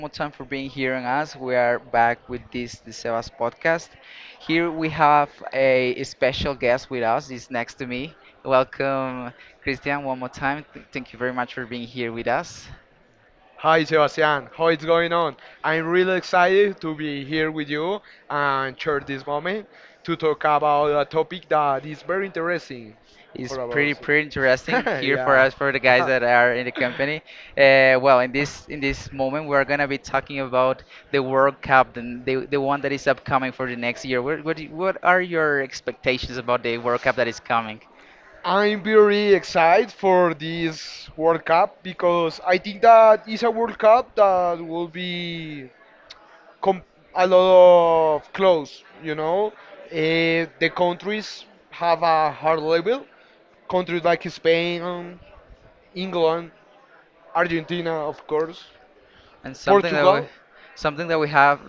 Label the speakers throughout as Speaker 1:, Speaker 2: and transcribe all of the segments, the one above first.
Speaker 1: more time for being here on us. We are back with this the Sebas podcast. Here we have a special guest with us. He's next to me. Welcome, Christian, one more time. Thank you very much for being here with us.
Speaker 2: Hi Sebastian, how it's going on? I'm really excited to be here with you and share this moment to talk about a topic that is very interesting for
Speaker 1: It's pretty
Speaker 2: us.
Speaker 1: pretty interesting here for
Speaker 2: Yeah.
Speaker 1: us, for the guys that are in the company. In this moment, we are gonna be talking about the World Cup, the one that is upcoming for the next year. What, do what are your expectations about the World Cup that is coming?
Speaker 2: I'm very excited for this World Cup because I think that it's a World Cup that will be com- a lot of close, you know. The countries have a hard level. Countries like Spain, England, Argentina, of course,
Speaker 1: And
Speaker 2: Portugal.
Speaker 1: something that we have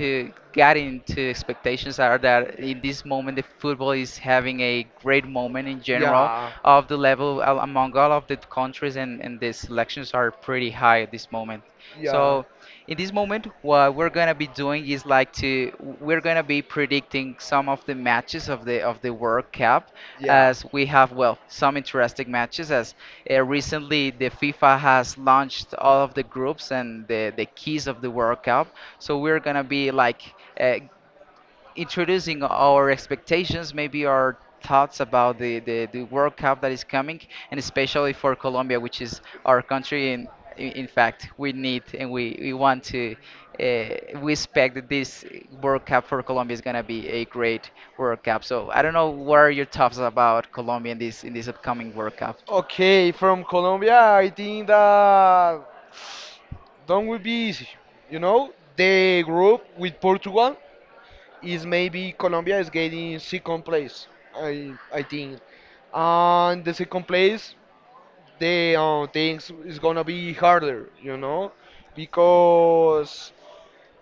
Speaker 1: to get into expectations are that in this moment the football is having a great moment in general
Speaker 2: Yeah.
Speaker 1: of the level among all of the countries, and the selections are pretty high at this moment. Yeah.
Speaker 2: Yeah.
Speaker 1: So in this moment, what we're gonna be doing is like to we're gonna be predicting some of the matches of the World Cup,
Speaker 2: Yeah.
Speaker 1: as we have, well, some interesting matches. As recently, the FIFA has launched all of the groups and the keys of the World Cup, so we're gonna be like uh, introducing our expectations, maybe our thoughts about the World Cup that is coming, and especially for Colombia, which is our country. And in fact, we need, and we want to, uh, we expect that this World Cup for Colombia is going to be a great World Cup. So I don't know, what are your thoughts about Colombia in in this upcoming World Cup?
Speaker 2: Okay, from Colombia, I think that don't will be easy. You know, the group with Portugal is maybe Colombia is getting second place. I think, and the second place, the things is gonna be harder, you know, because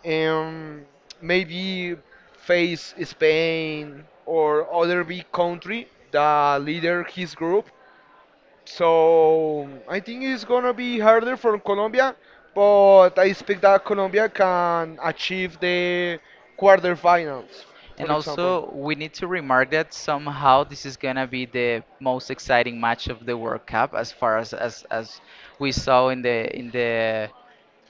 Speaker 2: um maybe face Spain or other big country that leader his group, so I think it's gonna be harder for Colombia, but I expect that Colombia can achieve the quarterfinals, for
Speaker 1: And
Speaker 2: example.
Speaker 1: also, we need to remark that somehow this is gonna be the most exciting match of the World Cup, as far as as we saw in the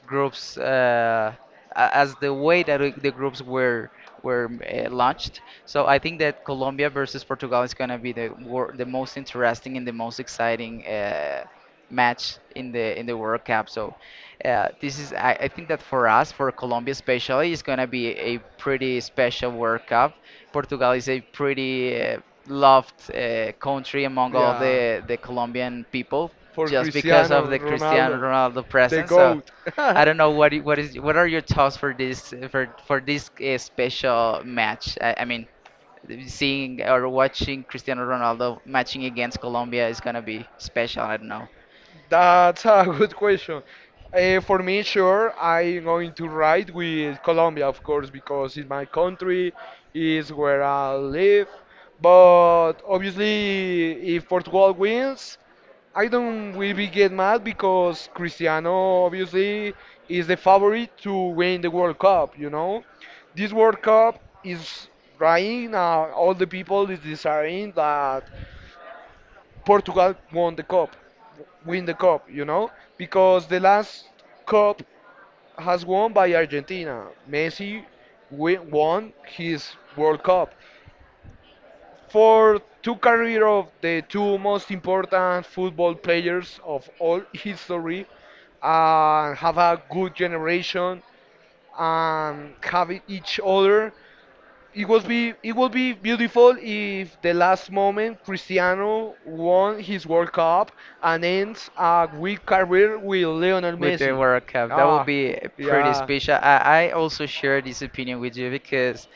Speaker 1: groups, as the way that the groups were launched. So I think that Colombia versus Portugal is gonna be the most interesting and the most exciting match in the World Cup. So this is... I think that for us, for Colombia especially, it's gonna be a pretty special World Cup. Portugal is a pretty loved country among all of
Speaker 2: Yeah,
Speaker 1: the Colombian people
Speaker 2: for
Speaker 1: just because of
Speaker 2: Cristiano
Speaker 1: the Cristiano
Speaker 2: Ronaldo,
Speaker 1: Ronaldo
Speaker 2: the
Speaker 1: presence. So
Speaker 2: GOAT.
Speaker 1: I don't know, what what is... what are your thoughts for this for for this special match? I mean, seeing or watching Cristiano Ronaldo matching against Colombia is gonna be special. I don't know,
Speaker 2: That's a good question. For me, sure, I'm going to ride with Colombia, of course, because it's my country, is where I live. But obviously, if Portugal wins, I don't will be get mad because Cristiano obviously is the favorite to win the World Cup. You know, this World Cup is right now all the people is desiring that Portugal won the cup, win the cup, you know, because the last cup has won by Argentina. Messi win, won his World Cup. For two career of the two most important football players of all history, and have a good generation and have each other, it would be beautiful if the last moment Cristiano won his World Cup and ends a weak career with Lionel
Speaker 1: with the
Speaker 2: Messi.
Speaker 1: World Cup. That will
Speaker 2: Ah,
Speaker 1: be pretty... yeah,
Speaker 2: yeah.
Speaker 1: special. I also share this opinion with you, because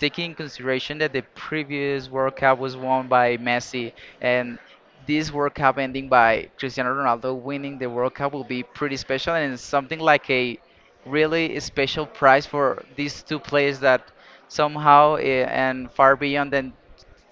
Speaker 1: taking in consideration that the previous World Cup was won by Messi and this World Cup ending by Cristiano Ronaldo winning the World Cup will be pretty special, and it's something like a really special prize for these two players that somehow and far beyond than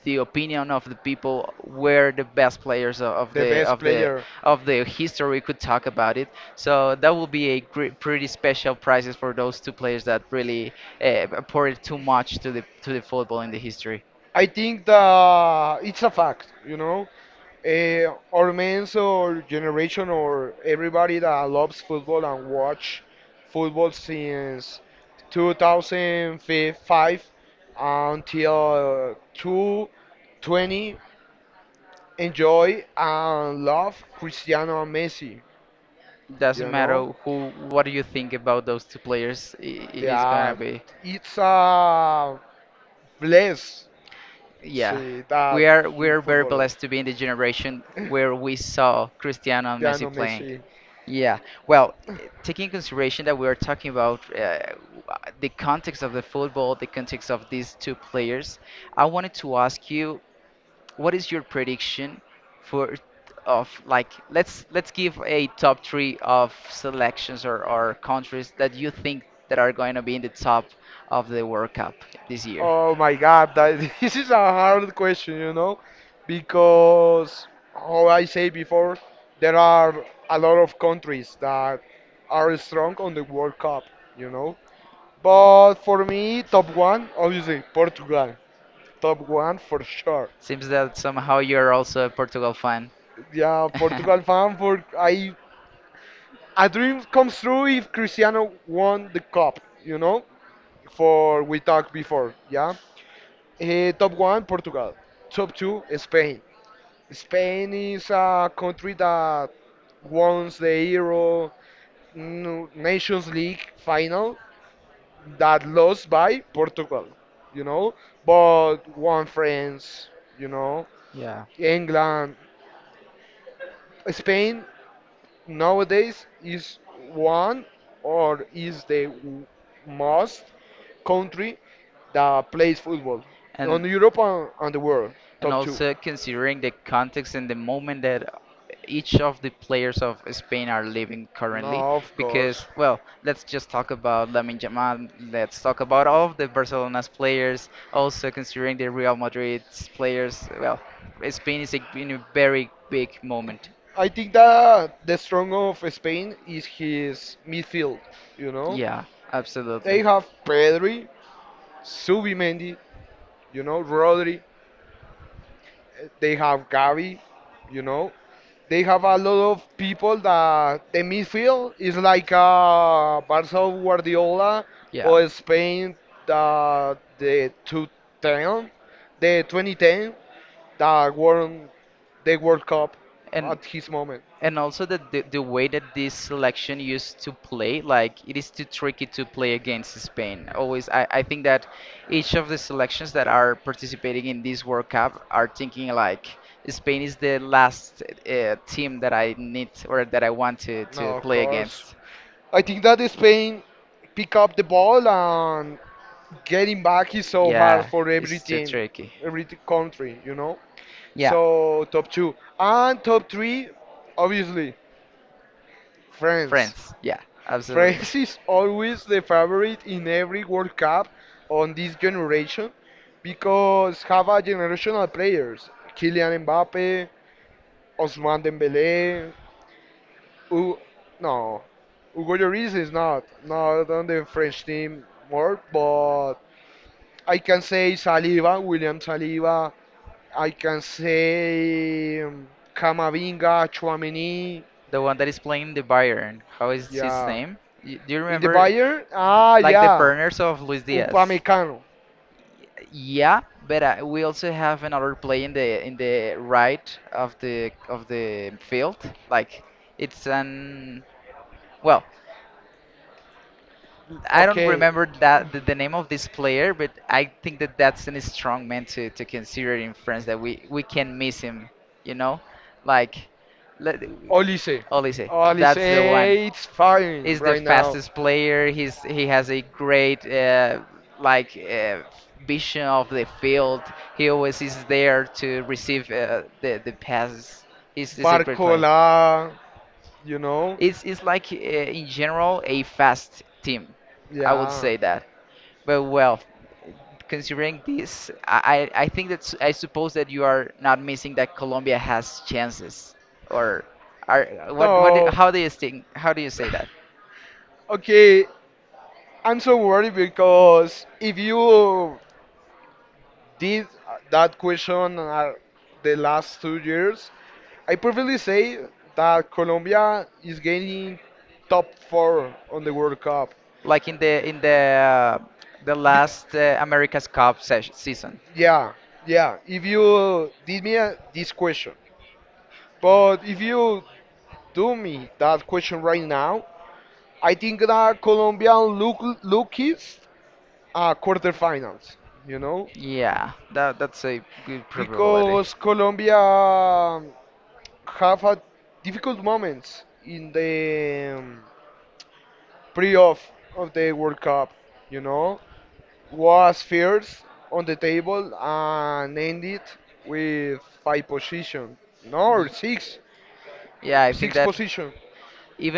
Speaker 1: the opinion of the people, were the best players
Speaker 2: The best
Speaker 1: of the
Speaker 2: player.
Speaker 1: of the history could talk about it. So that will be a gre pretty special prizes for those two players that really poured too much to the... to the football in the history.
Speaker 2: I think that it's a fact, you know. Our men's or generation or everybody that loves football and watch football since 2005 until 2020 enjoy and love Cristiano and Messi.
Speaker 1: Doesn't
Speaker 2: You
Speaker 1: matter
Speaker 2: know
Speaker 1: who. What do you think about those two players? It is gonna
Speaker 2: that
Speaker 1: be...
Speaker 2: it's a bless
Speaker 1: yeah,
Speaker 2: see that
Speaker 1: we are we
Speaker 2: two
Speaker 1: are very
Speaker 2: footballers.
Speaker 1: blessed to be in the generation where we saw Cristiano and Messi
Speaker 2: Lionel
Speaker 1: playing.
Speaker 2: Messi.
Speaker 1: Yeah, well, taking in consideration that we are talking about the context of the football, the context of these two players, I wanted to ask you, what is your prediction for... of like, let's give a top three of selections, or countries, that you think that are going to be in the top of the World Cup this year.
Speaker 2: Oh my God, that this is a hard question, you know, because how I say before, there are a lot of countries that are strong on the World Cup, you know. But for me, top one, obviously Portugal. Top one for sure.
Speaker 1: Seems that somehow you're also a Portugal fan.
Speaker 2: Yeah, Portugal fan for I a dream comes true if Cristiano won the cup, you know, for we talked before, yeah. Top one, Portugal. Top two, Spain. Spain is a country that won the Euro Nations League final that lost by Portugal, you know, but won France, you know,
Speaker 1: Yeah.
Speaker 2: England. Spain nowadays is one or is the most country that plays football on Europe and the world,
Speaker 1: And
Speaker 2: top two.
Speaker 1: also considering the context and the moment that each of the players of Spain are living currently.
Speaker 2: No, of
Speaker 1: Because,
Speaker 2: course.
Speaker 1: well, let's just talk about Lamine Yamal. Let's talk about all of the Barcelona's players. Also considering the Real Madrid's players. Well, Spain is in a very big moment.
Speaker 2: I think that the strong of Spain is his midfield. You know,
Speaker 1: Yeah,
Speaker 2: they
Speaker 1: absolutely.
Speaker 2: have Pedri, Subimendi, you know, Rodri. They have Gavi, you know. They have a lot of people that the midfield is like Barca of Guardiola
Speaker 1: Yeah.
Speaker 2: or Spain the 2010, the 2010 that won the World Cup
Speaker 1: And
Speaker 2: at his moment.
Speaker 1: and also the way that this selection used to play, like it is too tricky to play against Spain. Always, I think that each of the selections that are participating in this World Cup are thinking like Spain is the last team that I need, or that I want to... to
Speaker 2: No, of
Speaker 1: play
Speaker 2: course.
Speaker 1: against.
Speaker 2: I think that Spain pick up the ball and getting back is so hard
Speaker 1: Yeah,
Speaker 2: for every
Speaker 1: it's too
Speaker 2: team,
Speaker 1: tricky.
Speaker 2: every country, you know.
Speaker 1: Yeah.
Speaker 2: So top two and top three, obviously France.
Speaker 1: Friends, yeah, absolutely.
Speaker 2: France is always the favorite in every World Cup on this generation because have a generational players, Kylian Mbappe, Osman Dembele, U no, Hugo Lloris is not on the French team more, but I can say Saliba, William Saliba. I can say Camavinga, Chouameni.
Speaker 1: The one that is playing the Bayern, how is his
Speaker 2: Yeah,
Speaker 1: name? Do you
Speaker 2: in the
Speaker 1: remember,
Speaker 2: Bayern. Ah,
Speaker 1: like, the
Speaker 2: yeah,
Speaker 1: partners of Luis Diaz?
Speaker 2: Upamecano.
Speaker 1: Yeah, but we also have another play in the right of the field. Like it's an... well, I don't
Speaker 2: Okay.
Speaker 1: remember the name of this player, but I think that that's a strong man to... to consider in France, that we can miss him, you know, like, let...
Speaker 2: Olise.
Speaker 1: Olise,
Speaker 2: Olise,
Speaker 1: that's the one.
Speaker 2: it's fine
Speaker 1: He's the
Speaker 2: right now.
Speaker 1: fastest player. He has a great like vision of the field. He always is there to receive the passes. He's a great player.
Speaker 2: Barcola, you know?
Speaker 1: It's in general a fast team, I would
Speaker 2: Yeah.
Speaker 1: say that. But well, considering this, I think that... I suppose that you are not missing that Colombia has chances, or are... what
Speaker 2: No.
Speaker 1: how do you think... how do you say that?
Speaker 2: Okay, I'm so worried because if you did that question are the last 2 years, I perfectly say that Colombia is gaining top four on the World Cup.
Speaker 1: Like in the the last America's Cup sesh season.
Speaker 2: Yeah, yeah. If you did me this question, but if you do me that question right now, I think that Colombia look is quarterfinals. You know,
Speaker 1: Yeah, that that's a good probability.
Speaker 2: because Colombia have had difficult moments in the pre-off of the World Cup. You know, was first on the table and ended with five position, no, or
Speaker 1: Y-
Speaker 2: six,
Speaker 1: Yeah, I think
Speaker 2: six
Speaker 1: that
Speaker 2: position.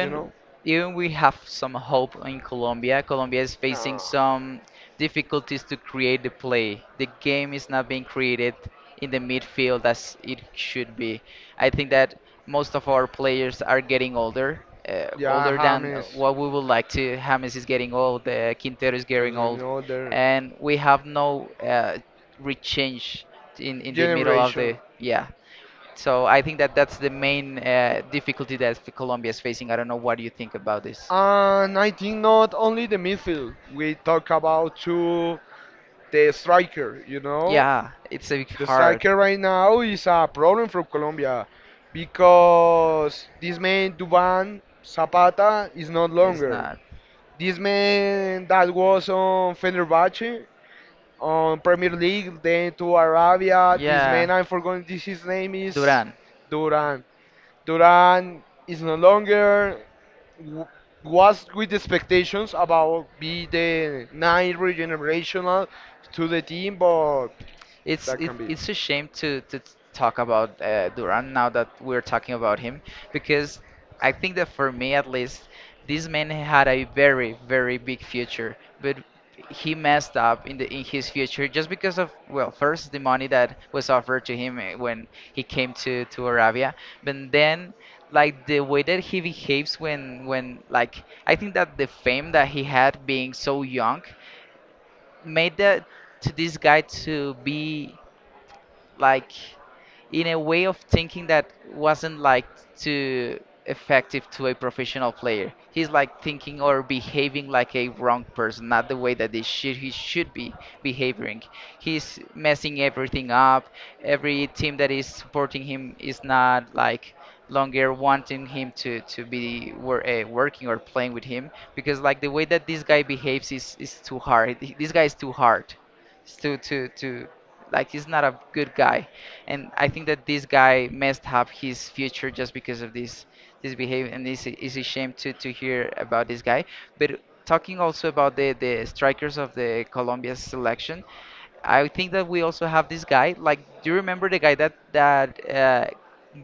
Speaker 2: You know,
Speaker 1: even we have some hope in Colombia, Colombia is facing
Speaker 2: Ah.
Speaker 1: some difficulties to create the play. The game is not being created in the midfield as it should be. I think that most of our players are getting older,
Speaker 2: yeah,
Speaker 1: older than
Speaker 2: James,
Speaker 1: what we would like to. James is getting old, Quintero is
Speaker 2: there's
Speaker 1: getting old,
Speaker 2: another.
Speaker 1: and we have no rechange in the middle of
Speaker 2: Generation.
Speaker 1: the... yeah. So I think that that's the main difficulty that Colombia is facing. I don't know what you think about this.
Speaker 2: And I think not only the midfield. We talk about to the striker, you know.
Speaker 1: Yeah, it's a bit
Speaker 2: The
Speaker 1: hard.
Speaker 2: striker right now is a problem for Colombia because this man Duban Zapata is not
Speaker 1: It's
Speaker 2: longer.
Speaker 1: not.
Speaker 2: This man that was on Fenerbahce on Premier League, then to Arabia. This
Speaker 1: Yeah,
Speaker 2: man I'm forgotten this his name is
Speaker 1: Duran.
Speaker 2: Duran. Duran is no longer w- was with expectations about be the ninth regenerational to the team, but
Speaker 1: It's
Speaker 2: that can be.
Speaker 1: it's a shame to talk about Duran now that we're talking about him, because I think that for me, at least, this man had a very big future, but he messed up in the in his future just because of, well, first, the money that was offered to him when he came to Arabia, but then, like the way that he behaves when... when, like, I think that the fame that he had, being so young, made that to... this guy to be like in a way of thinking that wasn't like too effective to a professional player. He's like thinking or behaving like a wrong person, not the way that they should he should be behaving. He's messing everything up. Every team that is supporting him is not like longer wanting him to working or playing with him, because like the way that this guy behaves is too hard. This guy is too hard. It's too, like, he's not a good guy, and I think that this guy messed up his future just because of this behavior, and it's it's a shame to hear about this guy. But talking also about the strikers of the Colombia selection, I think that we also have this guy. Like, do you remember the guy that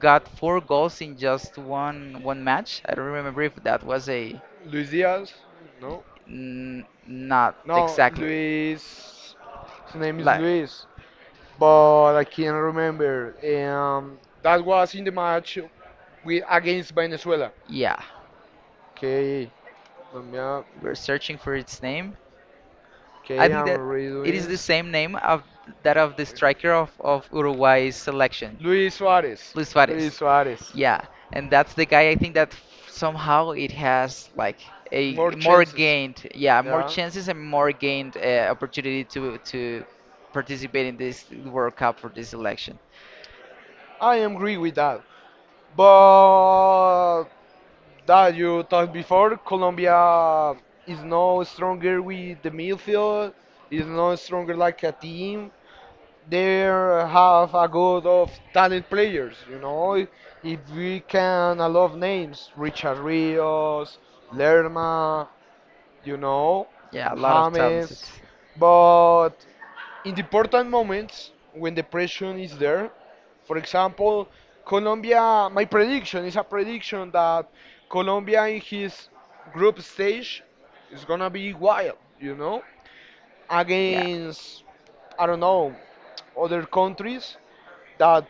Speaker 1: got four goals in just one match? I don't remember if that was a...
Speaker 2: Luis Diaz, no.
Speaker 1: n- not
Speaker 2: No,
Speaker 1: exactly,
Speaker 2: Luis. His name is
Speaker 1: like...
Speaker 2: Luis, but I can't remember. That was in the match with against Venezuela.
Speaker 1: yeah,
Speaker 2: Okay, let me up.
Speaker 1: we're searching for its name. I
Speaker 2: Okay,
Speaker 1: think
Speaker 2: I'm
Speaker 1: that it
Speaker 2: redoing.
Speaker 1: is the
Speaker 2: This.
Speaker 1: same name of that of the striker of Uruguay's selection,
Speaker 2: Luis Suarez.
Speaker 1: Luis
Speaker 2: Luis
Speaker 1: Suarez.
Speaker 2: Suarez.
Speaker 1: Yeah, and that's the guy, I think that somehow it has like
Speaker 2: More
Speaker 1: a more
Speaker 2: chances.
Speaker 1: gained, yeah, more
Speaker 2: Yeah.
Speaker 1: chances and more gained opportunity to participate in this World Cup for this election.
Speaker 2: I agree with that. But that you talked before, Colombia is no stronger with the midfield, is no stronger like a team. They have a good of talent players, you know. If we can, a lot of names, Richard Rios, Lerma, you know,
Speaker 1: Yeah, a lot of talented.
Speaker 2: James. But in the important moments when the pressure is there, for example, Colombia, my prediction is a prediction that Colombia in his group stage is gonna be wild, you know,
Speaker 1: Yeah.
Speaker 2: against, I don't know, other countries that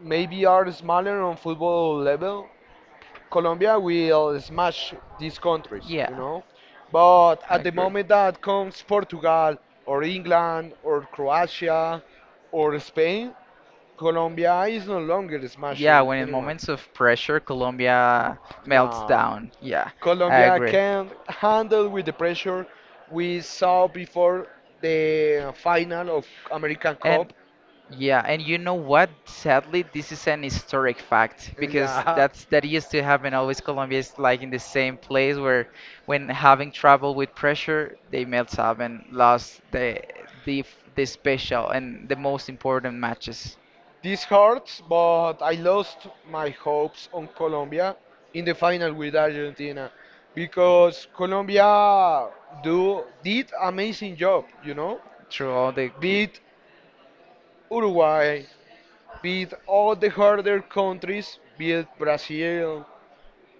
Speaker 2: maybe are smaller on football level Colombia will smash these countries, you
Speaker 1: Yeah.
Speaker 2: know. But at the moment that comes Portugal or England or Croatia or Spain, Colombia is no longer
Speaker 1: Yeah,
Speaker 2: smashing
Speaker 1: when in
Speaker 2: anyone.
Speaker 1: moments of pressure, Colombia melts
Speaker 2: No,
Speaker 1: down. Yeah,
Speaker 2: Colombia can't handle with the pressure we saw before the final of American
Speaker 1: Cup.
Speaker 2: Cup.
Speaker 1: Yeah, and you know what? Sadly, this is an historic fact, because
Speaker 2: Yeah,
Speaker 1: that used to happen always. Colombia is like in the same place where, when having trouble with pressure, they melt up and lost the the the special and the most important matches
Speaker 2: this hurts, but I lost my hopes on Colombia in the final with Argentina because Colombia do did amazing job, you know,
Speaker 1: through all the
Speaker 2: beat Uruguay, beat all the harder countries, beat Brazil,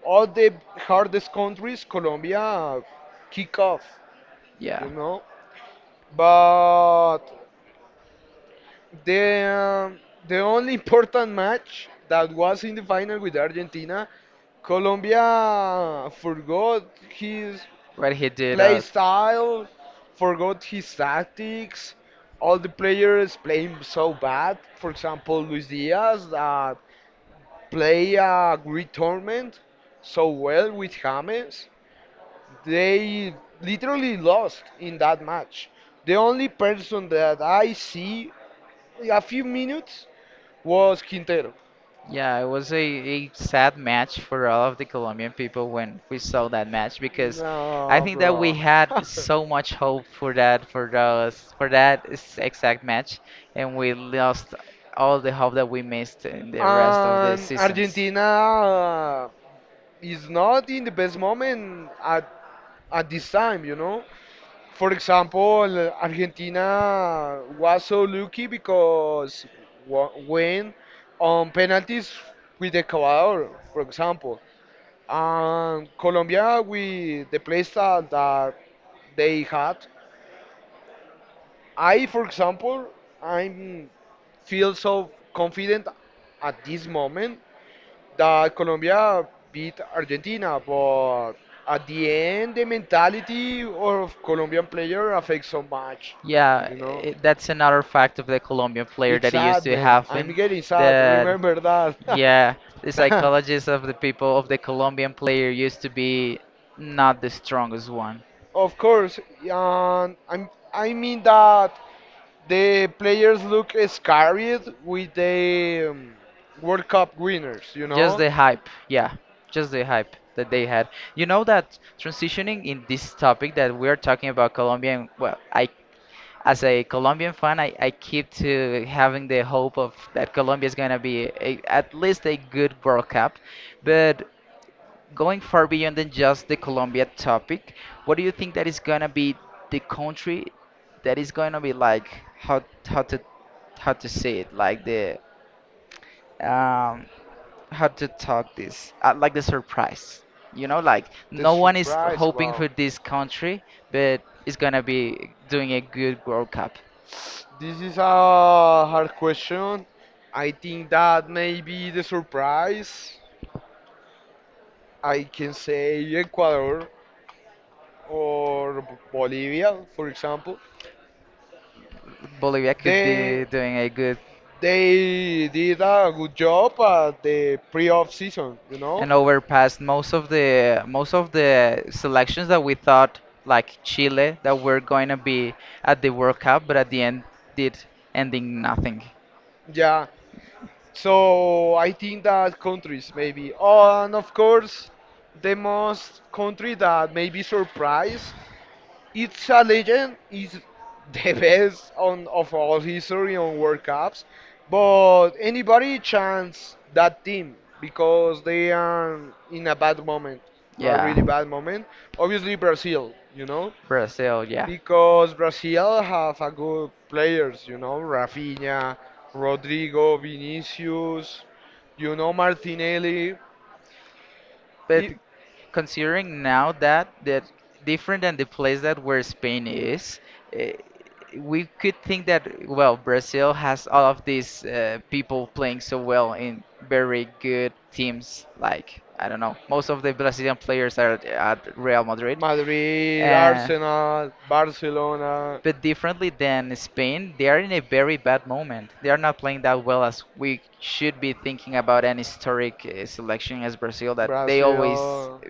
Speaker 2: all the hardest countries. Colombia kick off, you
Speaker 1: yeah,
Speaker 2: know, but The um, the only important match that was in the final with Argentina, Colombia forgot his
Speaker 1: what he did.
Speaker 2: play style, forgot his tactics. All the players playing so bad. For example, Luis Diaz that play a great tournament so well with James. They literally lost in that match. The only person that I see a few minutes was Quintero.
Speaker 1: Yeah, it was a sad match for all of the Colombian people when we saw that match, because I
Speaker 2: No,
Speaker 1: think that we
Speaker 2: bro.
Speaker 1: had so much hope for that for those for that exact match, and we lost all the hope that we missed in the rest of the
Speaker 2: And
Speaker 1: seasons.
Speaker 2: Argentina is not in the best moment at this time, you know. For example, Argentina was so lucky because when on penalties with Ecuador, for example. And Colombia with the playstyle that they had. I, for example, I'm feel so confident at this moment that Colombia beat Argentina, but at the end the mentality of Colombian player affects so much,
Speaker 1: Yeah,
Speaker 2: you know.
Speaker 1: I that's another fact of the Colombian player
Speaker 2: It's
Speaker 1: that he used
Speaker 2: sad,
Speaker 1: to
Speaker 2: man.
Speaker 1: have in
Speaker 2: I'm getting sad.
Speaker 1: that,
Speaker 2: Remember that.
Speaker 1: yeah, the psychologists of the people of the Colombian player used to be not the strongest one.
Speaker 2: Of course, and I'm, I mean that the players look scared with the World Cup winners, you
Speaker 1: Just
Speaker 2: know?
Speaker 1: the hype, yeah, just the hype that they had. You know that, transitioning in this topic that we're talking about Colombian, well, I as a Colombian fan, I keep to having the hope of that Colombia is gonna be at least a good World Cup. But going far beyond than just the Colombia topic, what do you think that is gonna be the country that is gonna be like how how to how to say it, like the um how to talk this, like the surprise, like
Speaker 2: The
Speaker 1: no one is
Speaker 2: surprise,
Speaker 1: hoping
Speaker 2: wow.
Speaker 1: for this country but it's gonna be doing a good World Cup.
Speaker 2: This is a hard question. I think that maybe the surprise, I can say Ecuador or Bolivia, for example.
Speaker 1: Bolivia could
Speaker 2: They
Speaker 1: be doing a good
Speaker 2: they did a good job at the pre-off season, you know.
Speaker 1: and overpassed most of the selections that we thought, like Chile that were going to be at the World Cup but at the end did ending nothing.
Speaker 2: Yeah, so I think that countries maybe, oh, and of course, the most country that maybe surprise, it's a legend, is the best on of all history on World Cups, but anybody chance that team because they are in a bad moment, a
Speaker 1: Yeah,
Speaker 2: really bad moment. Obviously Brazil, you know,
Speaker 1: Brazil. Yeah.
Speaker 2: because Brazil have a good players, you know, Rafinha, Rodrigo, Vinicius, you know, Martinelli,
Speaker 1: But
Speaker 2: i-
Speaker 1: considering now that different than the place that where Spain is, eh, we could think that, well, Brazil has all of these people playing so well in very good teams. Like, I don't know, most of the Brazilian players are at Real Madrid,
Speaker 2: Madrid,
Speaker 1: uh,
Speaker 2: Arsenal, Barcelona.
Speaker 1: but differently than Spain, they are in a very bad moment. They are not playing that well as we should be thinking about an historic selection as Brazil that they always.
Speaker 2: Brazil,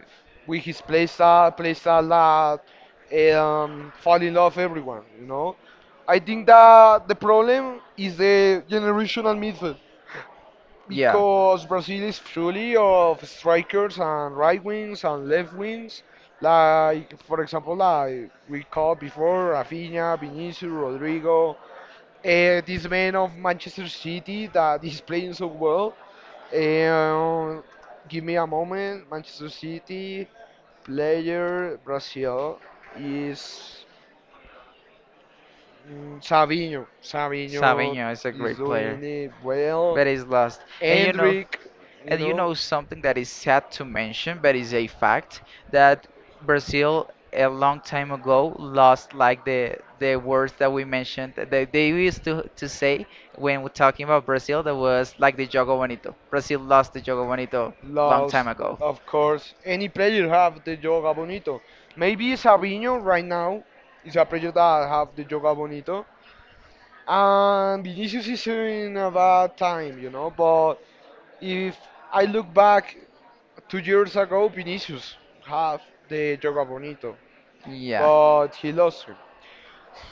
Speaker 2: with his play style that fall in love everyone, you know. I think that the problem is the generational midfield
Speaker 1: Yeah.
Speaker 2: because Brazil is fully of strikers and right wings and left wings. Like for example, like we called before Rafinha, Vinicius, Rodrigo, this man of Manchester City that is playing so well. And give me a moment. Manchester City player Brazil is Savinho. Savinho
Speaker 1: Savinho is a
Speaker 2: is
Speaker 1: great player,
Speaker 2: doing it well.
Speaker 1: but he's lost. And you know,
Speaker 2: Hendrick, you
Speaker 1: and you
Speaker 2: know.
Speaker 1: know something that is sad to mention, but is a fact that Brazil a long time ago lost like the words that we mentioned that they used to say when we're talking about Brazil, that was like the Jogo Bonito. Brazil lost the Jogo Bonito long
Speaker 2: Lost,
Speaker 1: time ago.
Speaker 2: of course. Any player have the Yoga Bonito. Maybe Sabinho right now is a player that have the Yoga Bonito. And Vinicius is in a bad time, you know. But if I look back 2 years ago, Vinicius have the Yoga Bonito,
Speaker 1: Yeah,
Speaker 2: but he lost him.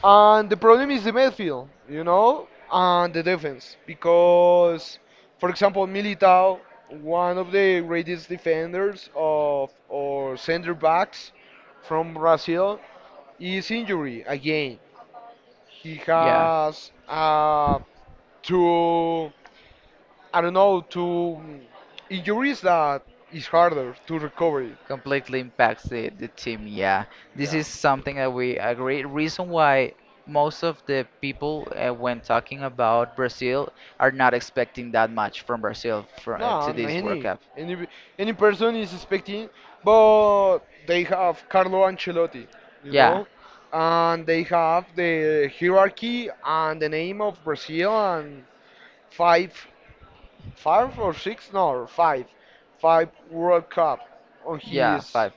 Speaker 2: And the problem is the midfield, you know, and the defense. Because, for example, Militao, one of the greatest defenders of or center backs from Brazil, is injury again. He
Speaker 1: yeah,
Speaker 2: has two, I don't know, two injuries that is harder to recover.
Speaker 1: completely impacts the team. Yeah, this
Speaker 2: Yeah.
Speaker 1: is something that we agree. Reason why most of the people when talking about Brazil are not expecting that much from Brazil for,
Speaker 2: No,
Speaker 1: to
Speaker 2: no,
Speaker 1: this World
Speaker 2: any
Speaker 1: Cup.
Speaker 2: any any person is expecting, but they have Carlo Ancelotti, you
Speaker 1: Yeah,
Speaker 2: know, and they have the hierarchy and the name of Brazil and five, five or six, no, five, five World Cup on
Speaker 1: yeah,
Speaker 2: his
Speaker 1: 5.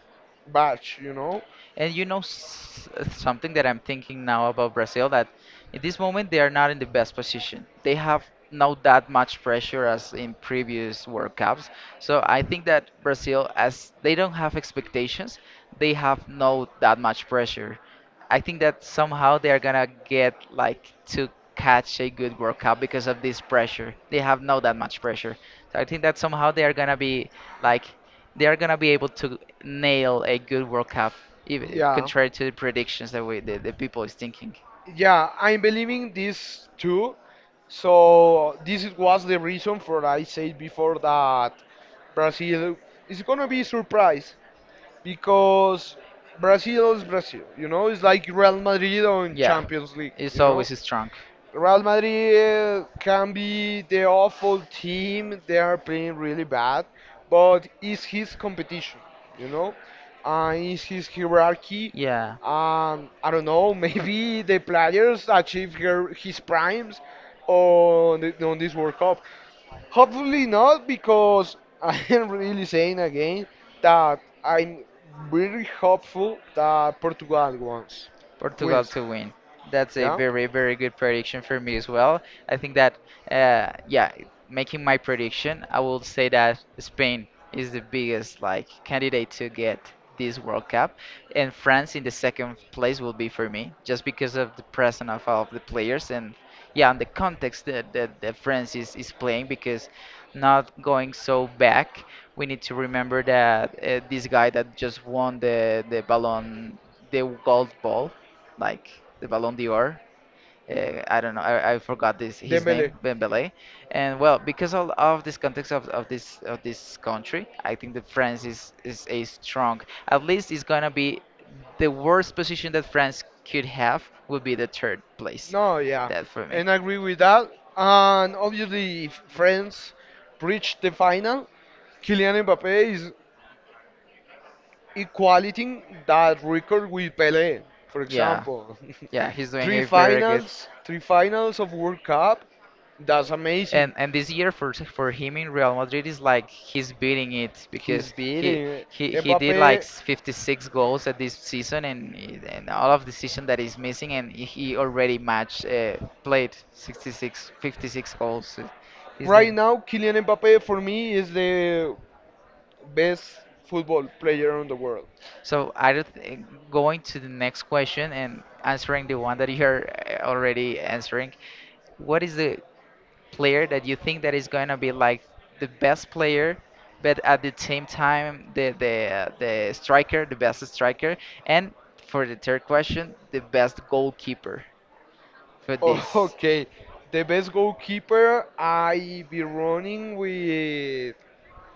Speaker 2: badge, you know.
Speaker 1: And something that I'm thinking now about Brazil, that in this moment they are not in the best position. They have not that much pressure as in previous World Cups. So I think that Brazil, as they don't have expectations, they have no that much pressure. I think that somehow they are gonna get like to catch a good World Cup because of this pressure. They have not that much pressure. So I think that somehow they are gonna be like, they are gonna be able to nail a good World Cup, even
Speaker 2: Yeah.
Speaker 1: contrary to the predictions that we the people is thinking.
Speaker 2: Yeah, I'm believing this too. So this was the reason for I said before that Brazil is gonna be surprised because Brazil is Brazil. You know, it's like Real Madrid on
Speaker 1: Yeah,
Speaker 2: Champions League.
Speaker 1: it's
Speaker 2: You know,
Speaker 1: always strong.
Speaker 2: Real Madrid can be the awful team. They are playing really bad, but it's his competition. You know, it's his hierarchy.
Speaker 1: Yeah,
Speaker 2: I don't know. Maybe the players achieve her, his primes on the, on this World Cup. Hopefully not, because I am really saying again that I'm very hopeful that Portugal wins.
Speaker 1: Portugal
Speaker 2: Wins.
Speaker 1: to win. That's a
Speaker 2: Yeah.
Speaker 1: very, very good prediction for me as well. I think that, uh, yeah, making my prediction, I will say that Spain is the biggest like candidate to get this World Cup, and France in the second place will be for me, just because of the presence of all of the players and, yeah, and the context that that France is playing because, not going so back, we need to remember that this guy that just won the Ballon, the gold ball, like the Ballon d'Or. I don't know. I forgot this his name, Dembélé. And well, because all of this context of this, of this country, I think that France is a strong. At least, it's gonna be the worst position that France could have would be the third place.
Speaker 2: No, yeah,
Speaker 1: That for me.
Speaker 2: and I agree with that. And obviously, if France reached the final, Kylian Mbappe is equaling that record with Pelé, for
Speaker 1: Yeah,
Speaker 2: example.
Speaker 1: yeah, he's doing
Speaker 2: Three
Speaker 1: a very good.
Speaker 2: finals, three finals of World Cup. That's amazing.
Speaker 1: And this year for him in Real Madrid is like he's beating it
Speaker 2: He's
Speaker 1: because he
Speaker 2: beating
Speaker 1: he he did like
Speaker 2: Mbappe.
Speaker 1: 56 goals at this season and all of the season that is missing and he already matched, played 66 56 goals. He's
Speaker 2: Right
Speaker 1: doing.
Speaker 2: now, Kylian Mbappe for me is the best football player in the world.
Speaker 1: So I don't think going to the next question and answering the one that you're already answering. What is the player that you think that is going to be like the best player, but at the same time the best striker, and for the third question, the best goalkeeper for
Speaker 2: Oh,
Speaker 1: this.
Speaker 2: okay, the best goalkeeper I be running with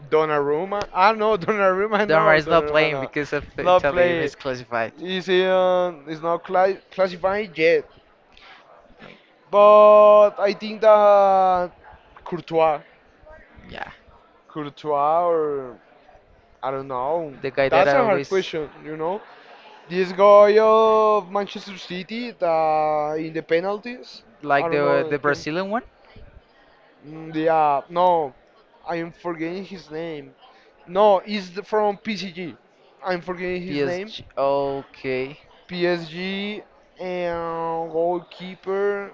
Speaker 2: Donnarumma. Ah no,
Speaker 1: Donnarumma is not
Speaker 2: Donnarumma
Speaker 1: playing
Speaker 2: no,
Speaker 1: because of
Speaker 2: not
Speaker 1: Italy
Speaker 2: play.
Speaker 1: misclassified.
Speaker 2: Is not classified yet.
Speaker 1: Like,
Speaker 2: But I think that Courtois,
Speaker 1: yeah,
Speaker 2: Courtois or I don't know.
Speaker 1: the guy that
Speaker 2: That's
Speaker 1: I
Speaker 2: a hard
Speaker 1: always
Speaker 2: question, you know. This guy of Manchester City that in the penalties, I
Speaker 1: like,
Speaker 2: don't
Speaker 1: the
Speaker 2: know.
Speaker 1: the
Speaker 2: Can,
Speaker 1: Brazilian one,
Speaker 2: yeah, no, I am forgetting his name. No, he's from PSG. I'm forgetting his name.
Speaker 1: PSG. Okay.
Speaker 2: PSG and goalkeeper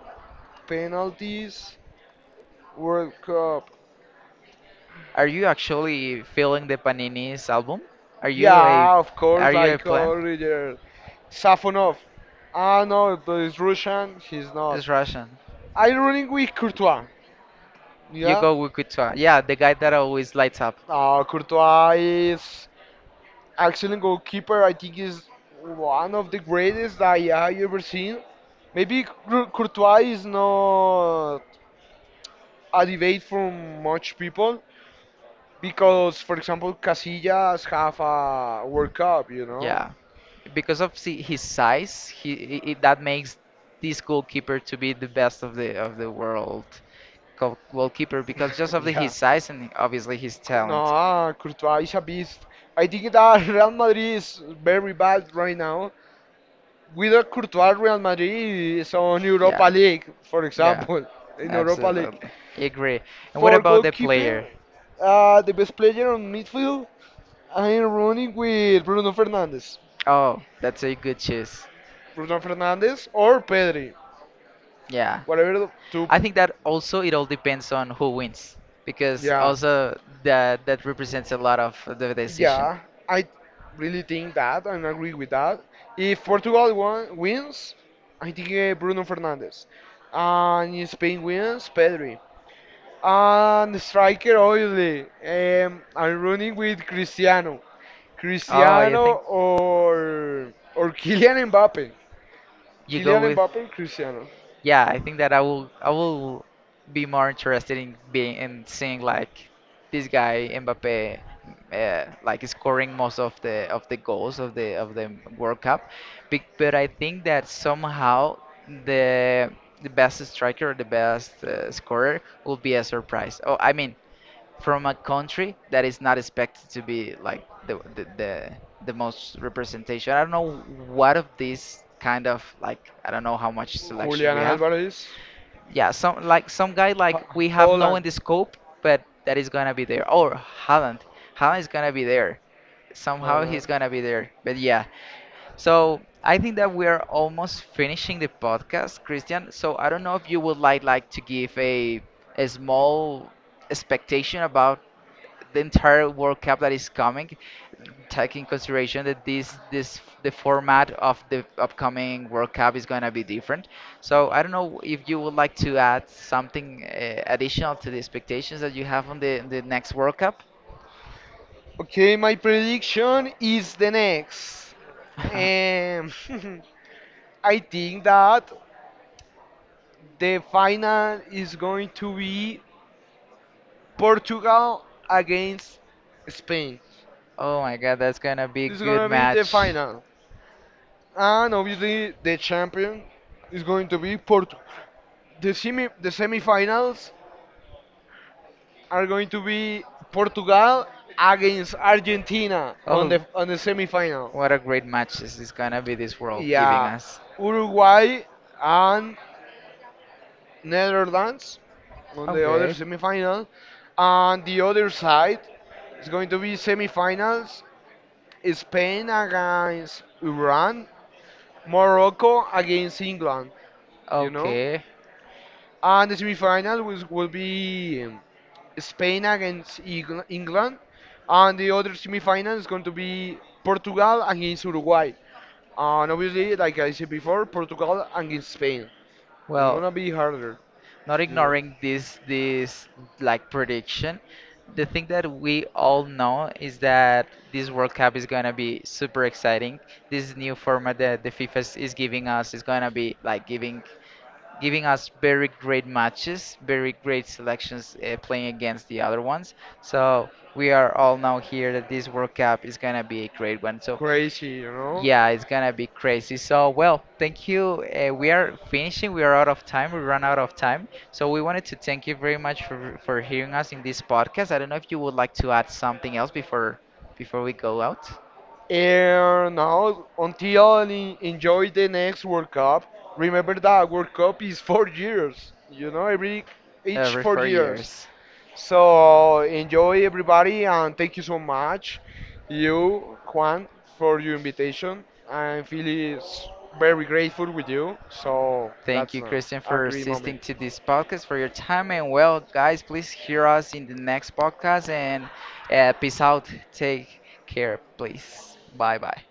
Speaker 2: penalties World Cup.
Speaker 1: Are you actually feeling the Panini's album? Are you a
Speaker 2: Yeah, of course,
Speaker 1: are you a
Speaker 2: like
Speaker 1: plant?
Speaker 2: Origer. Safonov. Ah no, but he's Russian. He's not.
Speaker 1: It's Russian.
Speaker 2: I'm running with Courtois. Yeah.
Speaker 1: Yugo Wikuta. Yeah, the guy that always lights up.
Speaker 2: Courtois is excellent goalkeeper. I think is one of the greatest I have ever seen. Maybe Courtois is not a debate from much people because, for example, Casillas have a World Cup. You know.
Speaker 1: Yeah. Because of his size, he I that makes this goalkeeper to be the best of the world goalkeeper because just of the,
Speaker 2: Yeah.
Speaker 1: his size and obviously his talent.
Speaker 2: No, Courtois is a beast. I think that Real Madrid is very bad right now, without Courtois, Real Madrid is on Europa
Speaker 1: Yeah.
Speaker 2: League, for
Speaker 1: Yeah.
Speaker 2: example, in Europa League.
Speaker 1: Absolutely. I agree. And what
Speaker 2: For
Speaker 1: about the
Speaker 2: goalkeeper,
Speaker 1: player?
Speaker 2: the best player on midfield, I am running with Bruno Fernandes.
Speaker 1: Oh, that's a good choice.
Speaker 2: Bruno Fernandes or Pedri,
Speaker 1: Yeah,
Speaker 2: whatever the two.
Speaker 1: I think that also it all depends on who wins because
Speaker 2: Yeah,
Speaker 1: also that represents a lot of the decision.
Speaker 2: yeah, I really think that and agree with that. If Portugal won, wins, I think Bruno Fernandes. And if Spain wins, Pedri. And striker Oily. I'm running with Cristiano.
Speaker 1: Oh, you
Speaker 2: Cristiano
Speaker 1: think
Speaker 2: or Kylian Mbappe.
Speaker 1: you go
Speaker 2: Kylian
Speaker 1: with?
Speaker 2: Mbappe or Cristiano.
Speaker 1: Yeah, I think that I will be more interested in seeing like this guy Mbappe, like scoring most of the goals of the World Cup. But I think that somehow the the best striker, the best scorer will be a surprise. Oh, I mean, from a country that is not expected to be like the most representation. I don't know what of these kind of, like, I don't know how much selections
Speaker 2: Julian
Speaker 1: we have.
Speaker 2: Alvarez,
Speaker 1: Yeah, some like some guy like we have no in the scope, but that is gonna be there. Or Haaland, Haaland is gonna be there. Somehow he's gonna be there. But yeah, so I think that we are almost finishing the podcast, Christian. So I don't know if you would like to give a small expectation about the entire World Cup that is coming, taking consideration that this the format of the upcoming World Cup is going to be different. So I don't know if you would like to add something additional to the expectations that you have on the next World Cup.
Speaker 2: okay, my prediction is the next. Um, I think that the final is going to be Portugal against Spain.
Speaker 1: Oh my God, that's going to be a
Speaker 2: It's
Speaker 1: good
Speaker 2: gonna be the
Speaker 1: match.
Speaker 2: final, and obviously the champion is going to be Portugal. The semi the semifinals are going to be Portugal against Argentina
Speaker 1: Oh,
Speaker 2: on the semifinal.
Speaker 1: what a great match this is gonna be, this world giving
Speaker 2: Yeah,
Speaker 1: us.
Speaker 2: Uruguay and Netherlands on the other
Speaker 1: Okay,
Speaker 2: semifinal, and the other side is going to be semifinals Spain against Iran, Morocco against England, you know.
Speaker 1: okay.
Speaker 2: And the semifinal was, will be Spain against England, and the other semifinal is going to be Portugal against Uruguay. And obviously, like I said before, Portugal against Spain. It's
Speaker 1: Well,
Speaker 2: gonna be harder,
Speaker 1: not
Speaker 2: you know.
Speaker 1: ignoring this like prediction, the thing that we all know is that this World Cup is gonna be super exciting. This new format that the FIFA is giving us is gonna be like giving us very great matches, very great selections playing against the other ones. So we are all now here that this World Cup is gonna be a great one. So
Speaker 2: Crazy, you know?
Speaker 1: yeah, it's gonna be crazy. So, well, thank you. We are finishing. We are out of time. We run out of time. So we wanted to thank you very much for hearing us in this podcast. I don't know if you would like to add something else before we go out.
Speaker 2: And now, until enjoy the next World Cup. Remember that World Cup is 4 years. You know, every each four
Speaker 1: For
Speaker 2: years.
Speaker 1: years.
Speaker 2: So enjoy everybody, and thank you so much, you Juan, for your invitation. I feel is very grateful with you. So
Speaker 1: Thank
Speaker 2: that's
Speaker 1: you,
Speaker 2: nice.
Speaker 1: Christian,
Speaker 2: A
Speaker 1: for
Speaker 2: great moment.
Speaker 1: assisting to this podcast for your time. And, well, guys, please hear us in the next podcast and, peace out. Take care, please. Bye bye.